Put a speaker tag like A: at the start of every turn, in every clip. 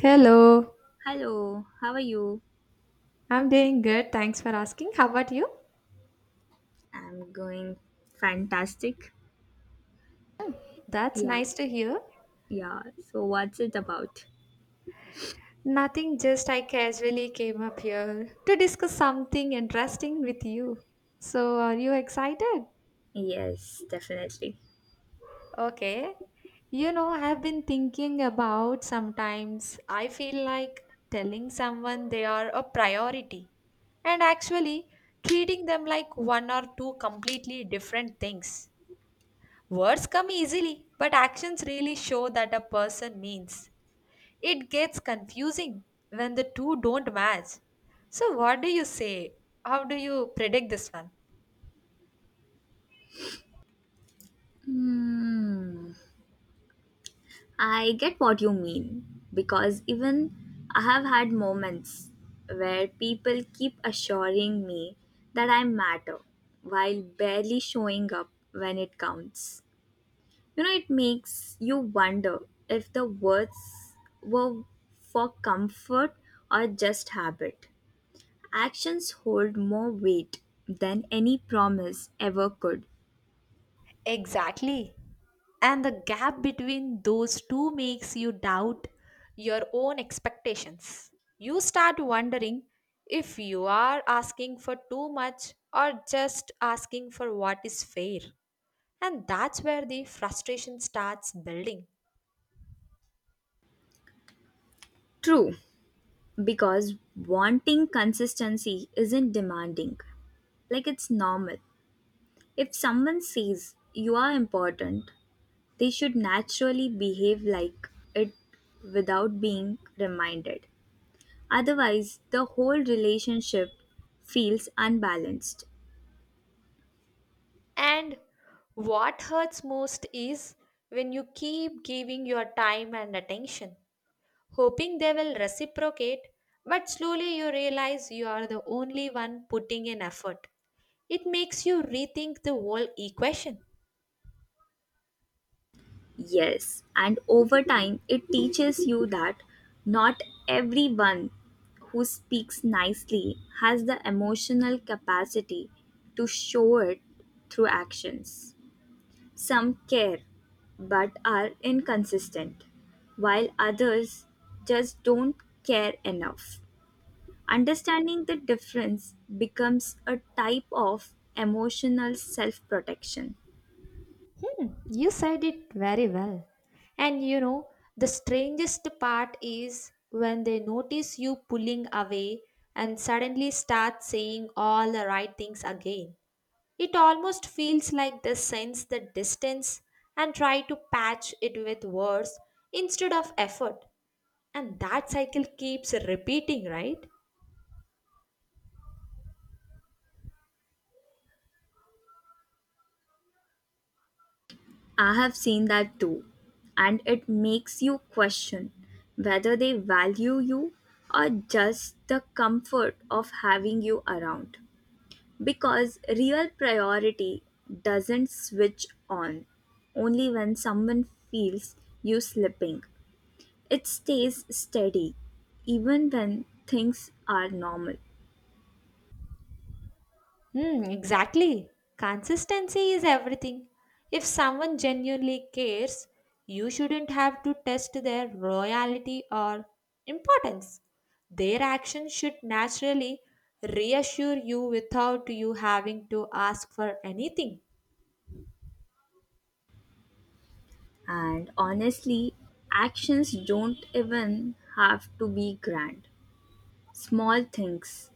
A: Hello,
B: Hello, how are you?
A: I'm doing good. Thanks for asking. How about you?
B: I'm going fantastic.
A: That's
B: Yeah,
A: nice to hear.
B: yeah. So, what's it about?
A: Nothing, just I casually came up here to discuss something interesting with you. So, are you excited?
B: Yes, definitely.
A: Okay. You know, I've been thinking about sometimes I feel like telling someone they are a priority and actually treating them like one or two completely different things. Words come easily, but actions really show that a person means. It gets confusing when the two don't match. So, what do you say? How do you predict this one?
B: Hmm. I get what you mean because even I have had moments where people keep assuring me that I matter while barely showing up when it counts. You know, it makes you wonder if the words were for comfort or just habit. Actions hold more weight than any promise ever could.
A: Exactly. And the gap between those two makes you doubt your own expectations. You start wondering if you are asking for too much or just asking for what is fair. And that's where the frustration starts building.
B: True, because wanting consistency isn't demanding. Like it's normal. If someone says you are important, they should naturally behave like it without being reminded. Otherwise, the whole relationship feels unbalanced.
A: And what hurts most is when you keep giving your time and attention, hoping they will reciprocate, but slowly you realize you are the only one putting in effort. It makes you rethink the whole equation.
B: Yes, and over time, it teaches you that not everyone who speaks nicely has the emotional capacity to show it through actions. Some care but are inconsistent, while others just don't care enough. Understanding the difference becomes a type of emotional self protection.
A: Hmm, you said it very well. And you know, the strangest part is when they notice you pulling away and suddenly start saying all the right things again. It almost feels like they sense the distance and try to patch it with words instead of effort. And that cycle keeps repeating, right?
B: I have seen that too, and it makes you question whether they value you or just the comfort of having you around. Because real priority doesn't switch on only when someone feels you slipping, it stays steady even when things are normal.
A: Hmm, exactly. Consistency is everything. If someone genuinely cares, you shouldn't have to test their loyalty or importance. Their actions should naturally reassure you without you having to ask for anything.
B: And honestly, actions don't even have to be grand. Small things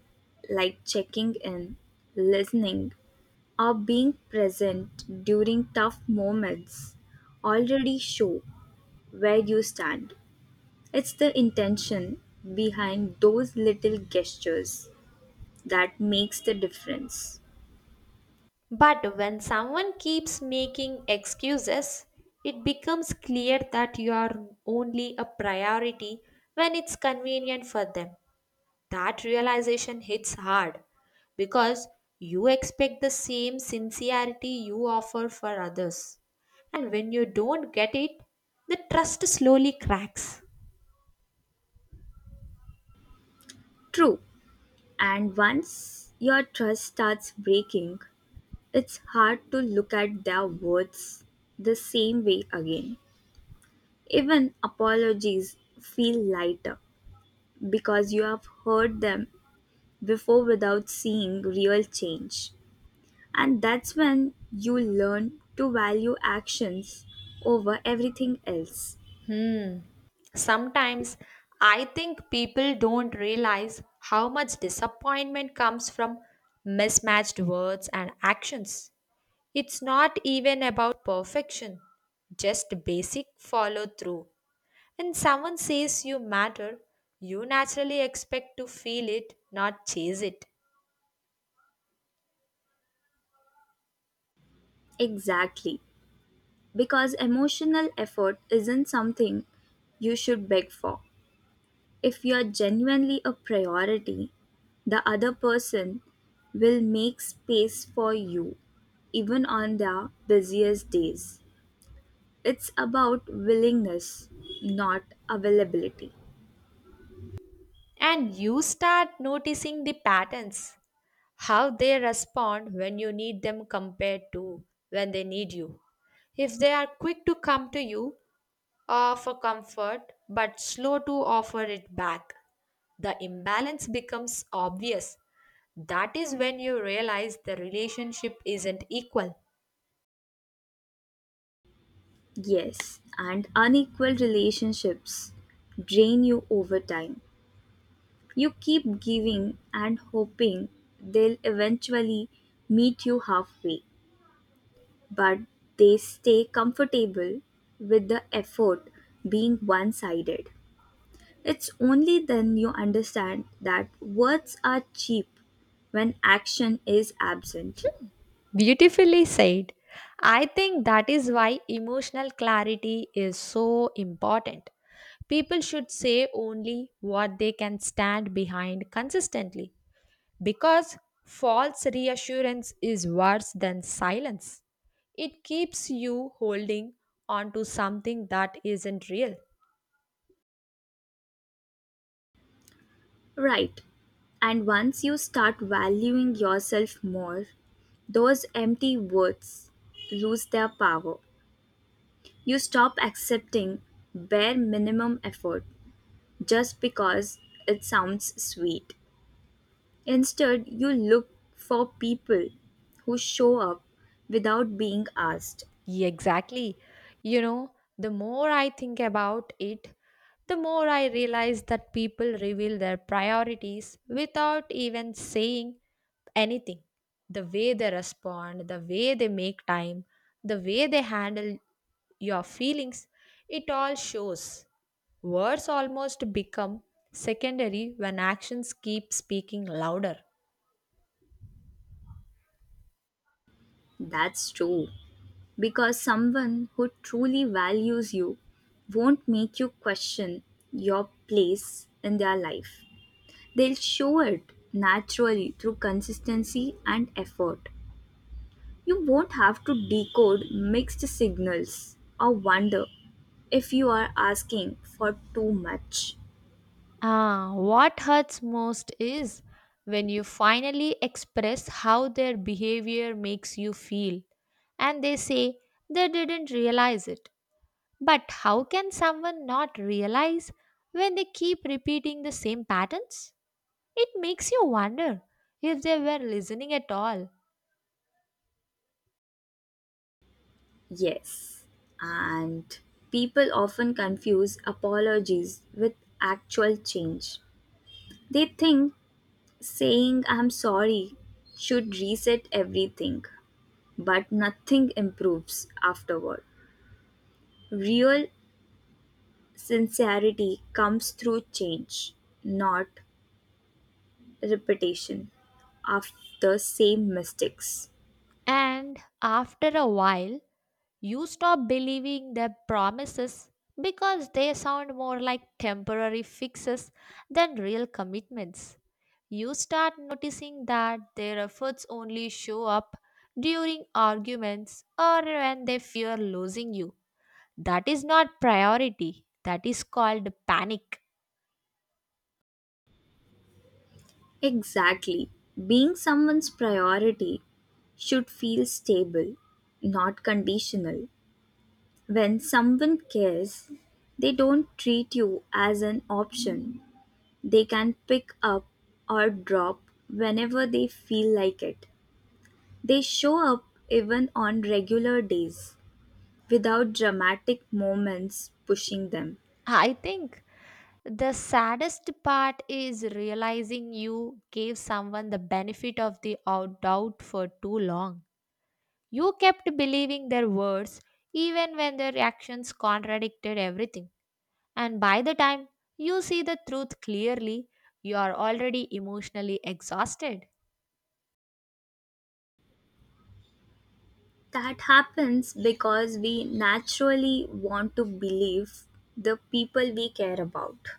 B: like checking in, listening, or being present during tough moments already show where you stand. It's the intention behind those little gestures that makes the difference.
A: But when someone keeps making excuses, it becomes clear that you are only a priority when it's convenient for them. That realization hits hard because you expect the same sincerity you offer for others. And when you don't get it, the trust slowly cracks.
B: True. And once your trust starts breaking, it's hard to look at their words the same way again. Even apologies feel lighter because you have heard them before without seeing real change. And that's when you learn to value actions over everything else.
A: Hmm. Sometimes I think people don't realize how much disappointment comes from mismatched words and actions. It's not even about perfection, just basic follow through. When someone says you matter, you naturally expect to feel it, not chase it.
B: Exactly. Because emotional effort isn't something you should beg for. If you're genuinely a priority, the other person will make space for you, even on their busiest days. It's about willingness, not availability.
A: And you start noticing the patterns how they respond when you need them compared to when they need you. If they are quick to come to you, offer comfort, but slow to offer it back, the imbalance becomes obvious. That is when you realize the relationship isn't equal.
B: Yes, and unequal relationships drain you over time. You keep giving and hoping they'll eventually meet you halfway, but they stay comfortable with the effort being one sided. It's only then you understand that words are cheap when action is absent.
A: Beautifully said. I think that is why emotional clarity is so important. People should say only what they can stand behind consistently, because false reassurance is worse than silence. It keeps you holding on to something that isn't real.
B: Right. And once you start valuing yourself more, those empty words lose their power. You stop accepting bare minimum effort just because it sounds sweet. Instead, you look for people who show up without being asked.
A: Yeah, exactly. You know, the more I think about it, the more I realize that people reveal their priorities without even saying anything. The way they respond, the way they make time, the way they handle your feelings, it all shows. Words almost become secondary when actions keep speaking louder.
B: That's true. Because someone who truly values you won't make you question your place in their life. They'll show it naturally through consistency and effort. You won't have to decode mixed signals or wonder if you are asking for too much.
A: Ah, what hurts most is when you finally express how their behavior makes you feel and they say they didn't realize it. But how can someone not realize when they keep repeating the same patterns? It makes you wonder if they were listening at all.
B: Yes, and people often confuse apologies with actual change. They think saying I'm sorry should reset everything, but nothing improves afterward. Real sincerity comes through change, not repetition of the same mistakes.
A: And after a while, you stop believing their promises because they sound more like temporary fixes than real commitments. You start noticing that their efforts only show up during arguments or when they fear losing you. That is not priority, that is called panic.
B: Exactly. Being someone's priority should feel stable, not conditional. When someone cares, they don't treat you as an option. They can pick up or drop whenever they feel like it. They show up even on regular days, without dramatic moments pushing them.
A: I think the saddest part is realizing you gave someone the benefit of the doubt for too long. You kept believing their words even when their actions contradicted everything. And by the time you see the truth clearly, you are already emotionally exhausted.
B: That happens because we naturally want to believe the people we care about.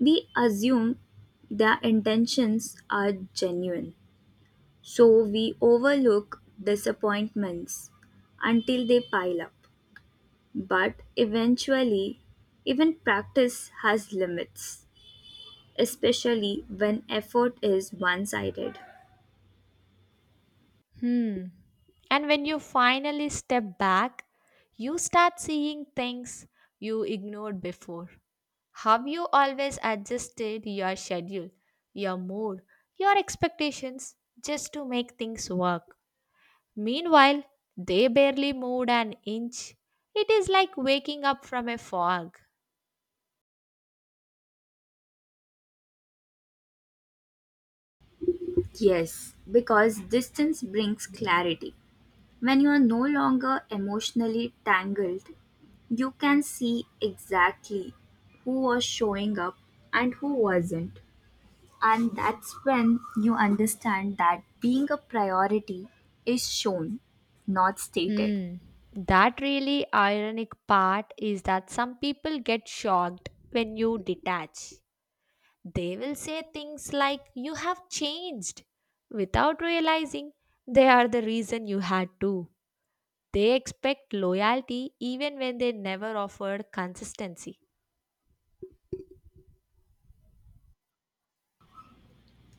B: We assume their intentions are genuine, so we overlook disappointments until they pile up. But eventually, even practice has limits, especially when effort is one sided.
A: Hmm. And when you finally step back, you start seeing things you ignored before. Have you always adjusted your schedule, your mood, your expectations just to make things work? Meanwhile, they barely moved an inch. It is like waking up from a fog.
B: Yes, because distance brings clarity. When you are no longer emotionally tangled, you can see exactly who was showing up and who wasn't. And that's when you understand that being a priority is shown, not stated.
A: Hmm. That really ironic part is that some people get shocked when you detach. They will say things like, "You have changed," without realizing they are the reason you had to. They expect loyalty even when they never offered consistency.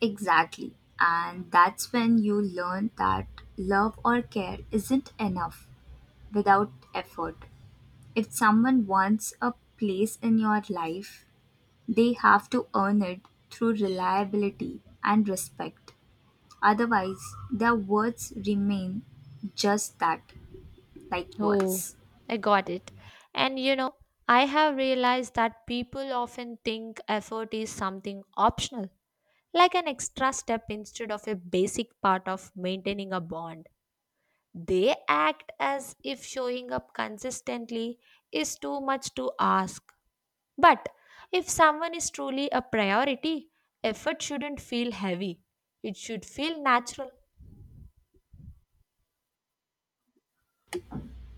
B: Exactly. And that's when you learn that love or care isn't enough without effort. If someone wants a place in your life, they have to earn it through reliability and respect. Otherwise, their words remain just that, like
A: Oh,
B: words.
A: I got it. And you know, I have realized that people often think effort is something optional, like an extra step instead of a basic part of maintaining a bond. They act as if showing up consistently is too much to ask. But if someone is truly a priority, effort shouldn't feel heavy, it should feel natural.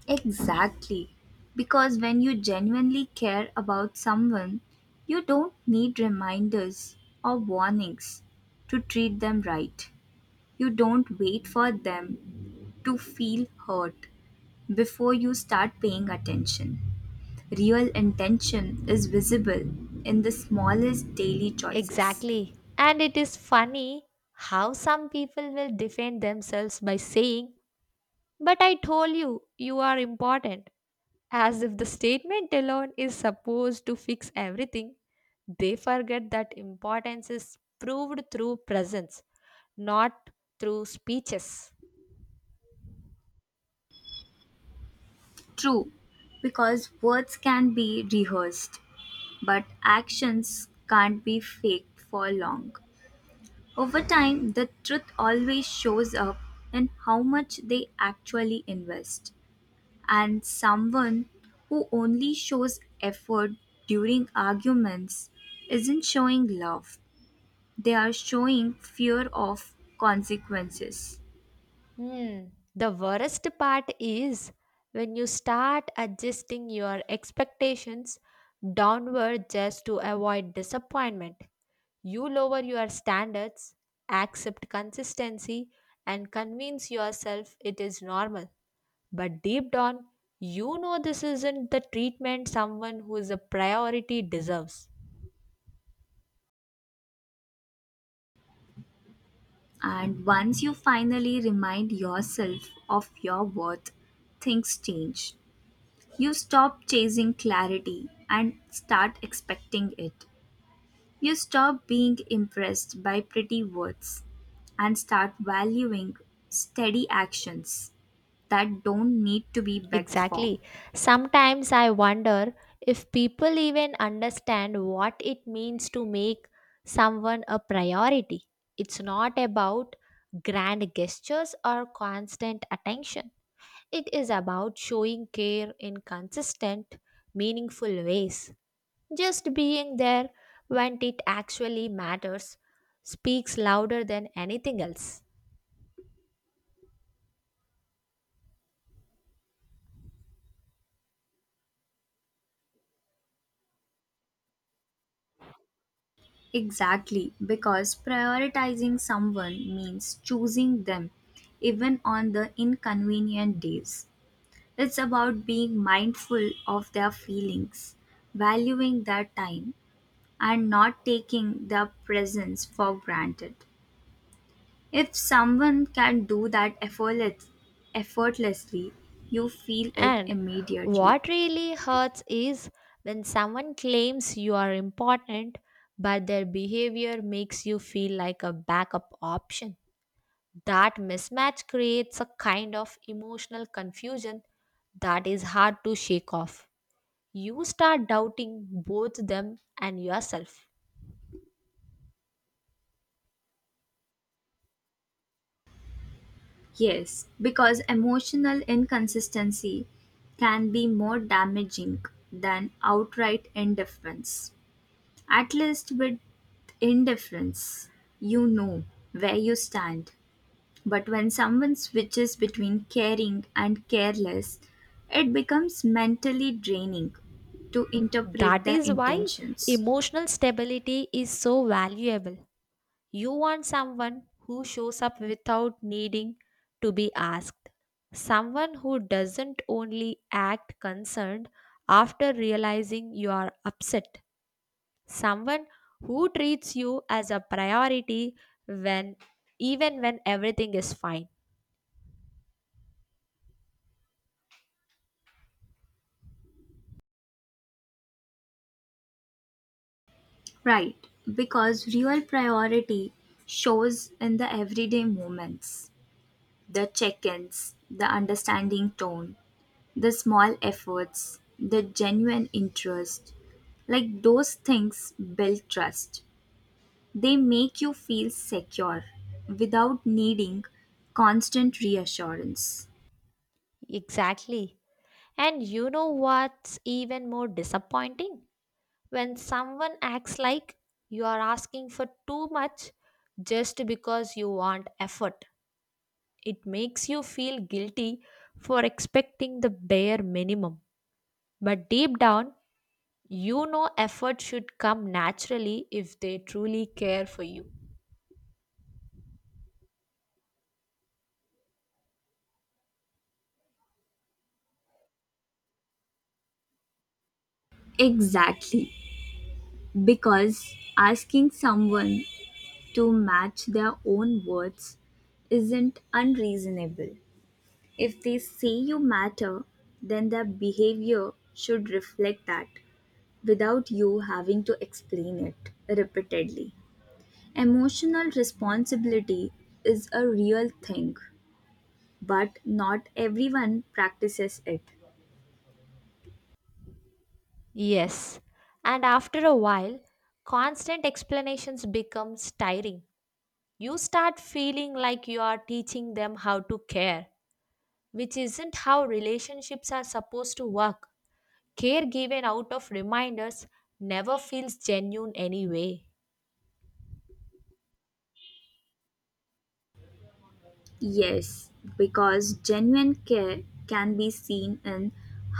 B: Exactly. Because when you genuinely care about someone, you don't need reminders or warnings to treat them right. You don't wait for them to feel hurt before you start paying attention. Real intention is visible in the smallest daily choices.
A: Exactly. And it is funny how some people will defend themselves by saying, "But I told you, you are important." As if the statement alone is supposed to fix everything. They forget that importance is proved through presence, not through speeches.
B: True, because words can be rehearsed, but actions can't be faked for long. Over time, the truth always shows up in how much they actually invest. And someone who only shows effort during arguments isn't showing love. They are showing fear of consequences.
A: Hmm. The worst part is when you start adjusting your expectations downward just to avoid disappointment. You lower your standards, accept consistency, and convince yourself it is normal. But deep down, you know this isn't the treatment someone who is a priority deserves.
B: And once you finally remind yourself of your worth, things change. You stop chasing clarity and start expecting it. You stop being impressed by pretty words and start valuing steady actions that don't need to be begged for.
A: Exactly. Sometimes I wonder if people even understand what it means to make someone a priority. It's not about grand gestures or constant attention. It is about showing care in consistent, meaningful ways. Just being there when it actually matters speaks louder than anything else.
B: Exactly, because prioritizing someone means choosing them, even on the inconvenient days. It's about being mindful of their feelings, valuing their time, and not taking their presence for granted. If someone can do that effortless, effortlessly, you feel it
A: And
B: immediately.
A: what really hurts is when someone claims you are important but their behavior makes you feel like a backup option. That mismatch creates a kind of emotional confusion that is hard to shake off. You start doubting both them and yourself.
B: Yes, because emotional inconsistency can be more damaging than outright indifference. At least with indifference, you know where you stand. But when someone switches between caring and careless, it becomes mentally draining to
A: That
B: interpret the
A: is why
B: intentions.
A: emotional stability is so valuable. You want someone who shows up without needing to be asked, someone who doesn't only act concerned after realizing you are upset, someone who treats you as a priority when even when everything is fine.
B: Right, because real priority shows in the everyday moments, the check ins, the understanding tone, the small efforts, the genuine interest. Like those things build trust. They make you feel secure without needing constant reassurance.
A: Exactly. And you know what's even more disappointing? When someone acts like you are asking for too much just because you want effort, it makes you feel guilty for expecting the bare minimum. But deep down, you know effort should come naturally if they truly care for you.
B: Exactly. Because asking someone to match their own words isn't unreasonable. If they say you matter, then their behavior should reflect that, without you having to explain it repeatedly. Emotional responsibility is a real thing, but not everyone practices it.
A: Yes, and after a while, constant explanations becomes tiring. You start feeling like you are teaching them how to care, which isn't how relationships are supposed to work. Care given out of reminders never feels genuine anyway.
B: Yes, because genuine care can be seen in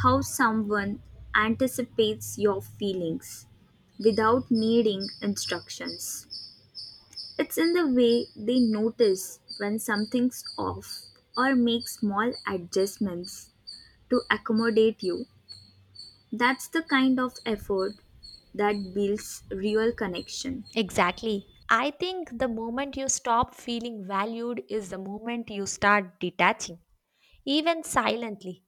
B: how someone anticipates your feelings without needing instructions. It's in the way they notice when something's off or make small adjustments to accommodate you. That's the kind of effort that builds real connection.
A: Exactly. I think the moment you stop feeling valued is the moment you start detaching, even silently.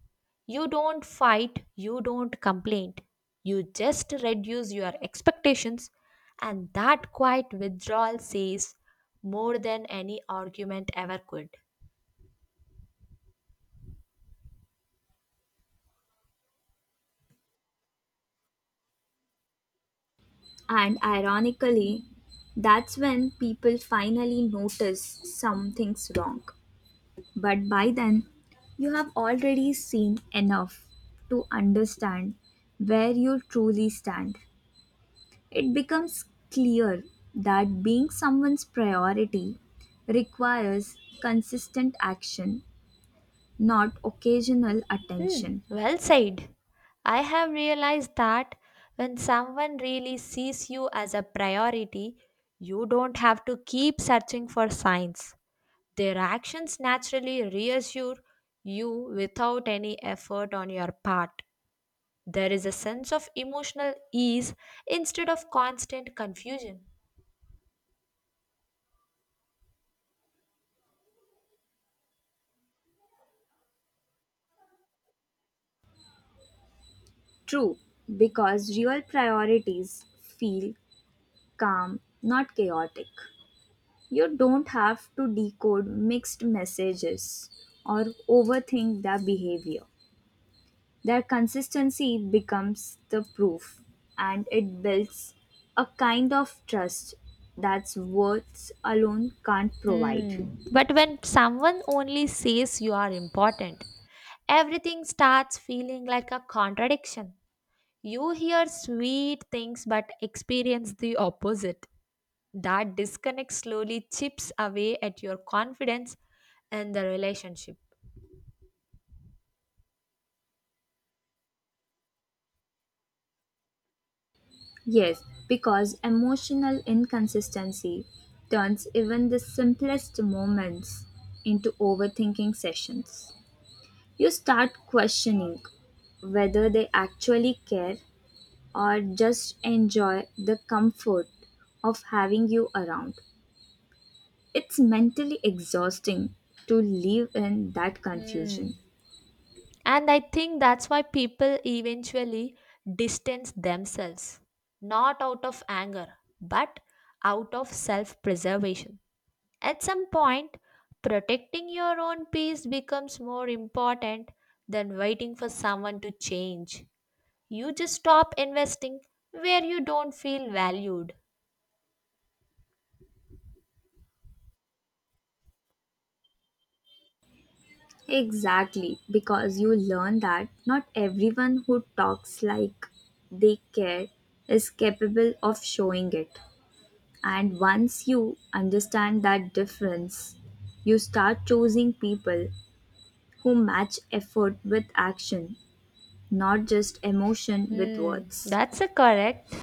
A: You don't fight, you don't complain. You just reduce your expectations, and that quiet withdrawal says more than any argument ever could.
B: And ironically, that's when people finally notice something's wrong. But by then, you have already seen enough to understand where you truly stand. It becomes clear that being someone's priority requires consistent action, not occasional
A: Hmm,
B: attention.
A: well said. I have realized that when someone really sees you as a priority, you don't have to keep searching for signs. Their actions naturally reassure you without any effort on your part. There is a sense of emotional ease instead of constant confusion.
B: True, because real priorities feel calm, not chaotic. You don't have to decode mixed messages or overthink their behavior. Their consistency becomes the proof, and it builds a kind of trust that's words alone can't provide.
A: Hmm. But when someone only says you are important, everything starts feeling like a contradiction. You hear sweet things but experience the opposite. That disconnect slowly chips away at your confidence and the relationship.
B: Yes, because emotional inconsistency turns even the simplest moments into overthinking sessions. You start questioning whether they actually care or just enjoy the comfort of having you around. It's mentally exhausting to live in that
A: Hmm.
B: confusion.
A: And I think that's why people eventually distance themselves, not out of anger, but out of self preservation. At some point, protecting your own peace becomes more important than waiting for someone to change. You just stop investing where you don't feel valued.
B: Exactly, because you learn that not everyone who talks like they care is capable of showing it. And once you understand that difference, you start choosing people who match effort with action, not just emotion with
A: Hmm,
B: words.
A: that's a correct.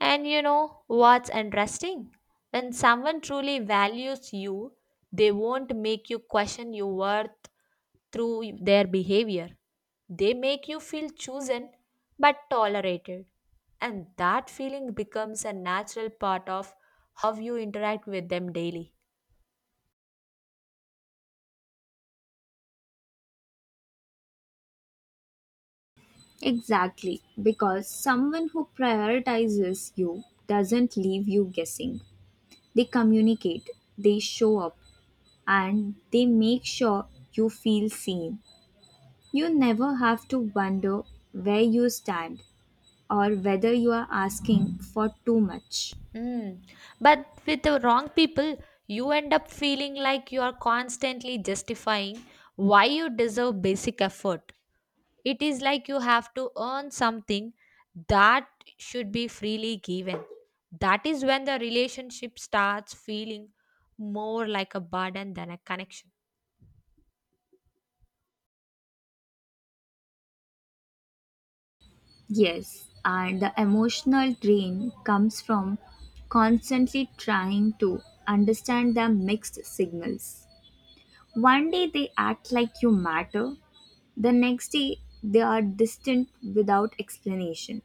A: And you know what's interesting? When someone truly values you, they won't make you question your worth through their behavior. They make you feel chosen but tolerated. And that feeling becomes a natural part of how you interact with them daily.
B: Exactly, because someone who prioritizes you doesn't leave you guessing. They communicate, they show up, and they make sure you feel seen. You never have to wonder where you stand or whether you are asking for too much.
A: Mm. But with the wrong people, you end up feeling like you are constantly justifying why you deserve basic effort. It is like you have to earn something that should be freely given. That is when the relationship starts feeling more like a burden than a connection.
B: Yes, and the emotional drain comes from constantly trying to understand the mixed signals. One day they act like you matter, the next day they are distant without explanation.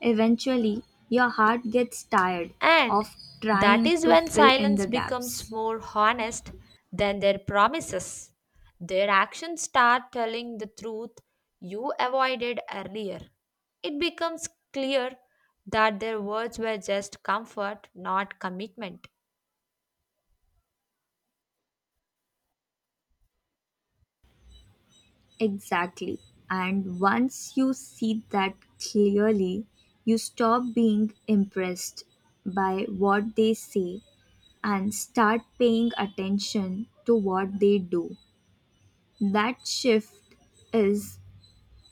B: Eventually, your heart gets tired
A: And
B: of
A: that
B: trying
A: is
B: to
A: when
B: fill in
A: silence
B: the
A: becomes
B: gaps.
A: more honest than their promises. Their actions start telling the truth you avoided earlier. It becomes clear that their words were just comfort, not commitment.
B: Exactly. And once you see that clearly, you stop being impressed by what they say and start paying attention to what they do. That shift is,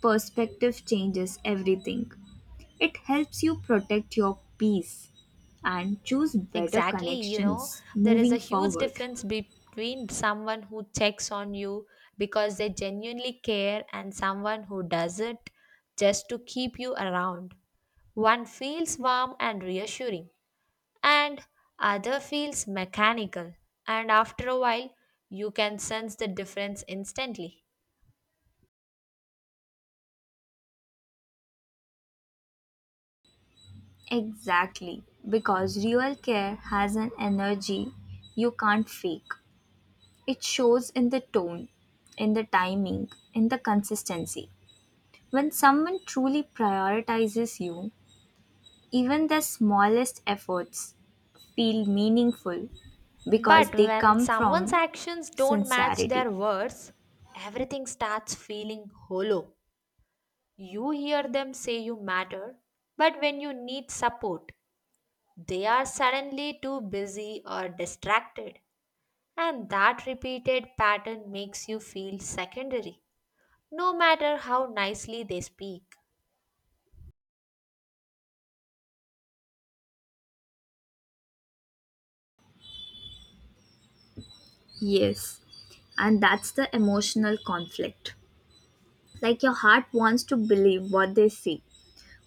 B: perspective changes everything. It helps you protect your peace and choose better
A: Exactly, you know,
B: connections
A: there is a
B: moving
A: huge
B: forward.
A: difference between someone who checks on you because they genuinely care and someone who doesn't just to keep you around. One feels warm and reassuring, and other feels mechanical, and after a while, you can sense the difference instantly.
B: Exactly, because real care has an energy you can't fake. It shows in the tone, in the timing, in the consistency. When someone truly prioritizes you, even the smallest efforts feel meaningful because
A: But
B: they
A: when
B: come
A: someone's
B: from
A: actions don't match their
B: sincerity.
A: words, everything starts feeling hollow. You hear them say you matter, but when you need support, they are suddenly too busy or distracted. And that repeated pattern makes you feel secondary, no matter how nicely they speak.
B: Yes, and that's the emotional conflict. Like your heart wants to believe what they say,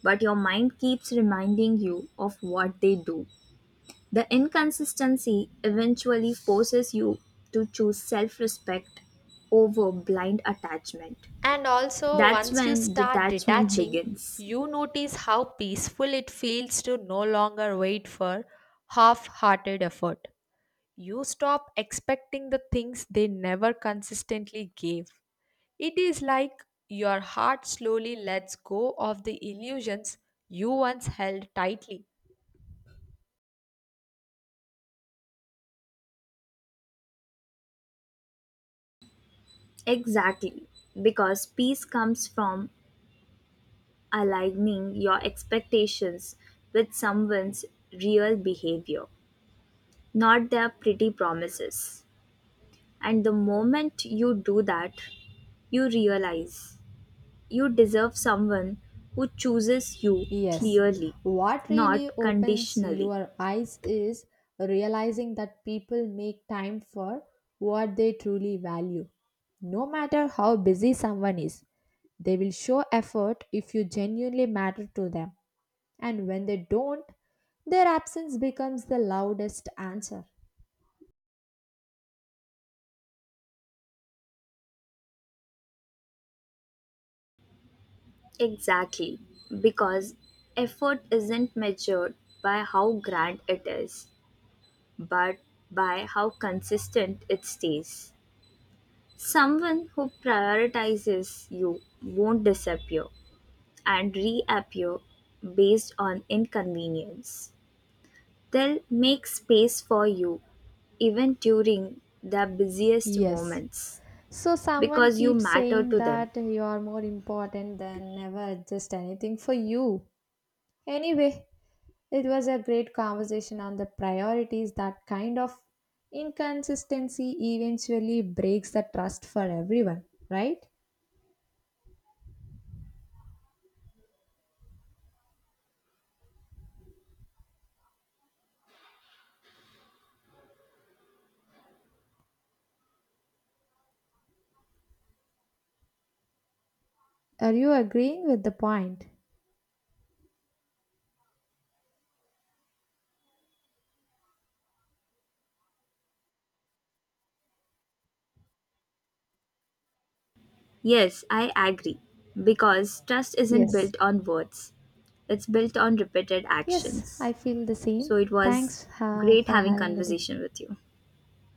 B: but your mind keeps reminding you of what they do. The inconsistency eventually forces you to choose self respect over blind attachment.
A: And also,
B: That's
A: once you
B: when
A: start
B: detachment
A: detaching,
B: begins.
A: you notice how peaceful it feels to no longer wait for half hearted effort. You stop expecting the things they never consistently gave. It is like your heart slowly lets go of the illusions you once held tightly.
B: Exactly, because peace comes from aligning your expectations with someone's real behavior, not their pretty promises. And the moment you do that, you realize you deserve someone who chooses you
A: Yes,
B: clearly,
A: what
B: not
A: really opens
B: conditionally.
A: your eyes is realizing that people make time for what they truly value. No matter how busy someone is, they will show effort if you genuinely matter to them. And when they don't, their absence becomes the loudest answer.
B: Exactly, because effort isn't measured by how grand it is, but by how consistent it stays. Someone who prioritizes you won't disappear and reappear based on inconvenience. They'll make space for you even during the busiest
A: Yes,
B: moments,
A: so someone
B: because you
A: keeps
B: matter
A: saying
B: to them.
A: that you are more important than never adjust anything for you. Anyway, it was a great conversation on the priorities that kind of inconsistency eventually breaks the trust for everyone, right? Are you agreeing with the point?
B: Yes, I agree. Because trust isn't
A: Yes.
B: built on words, it's built on repeated
A: Yes, I
B: actions.
A: feel the same.
B: So it was
A: Thanks
B: great
A: for
B: having
A: having the day.
B: conversation with you.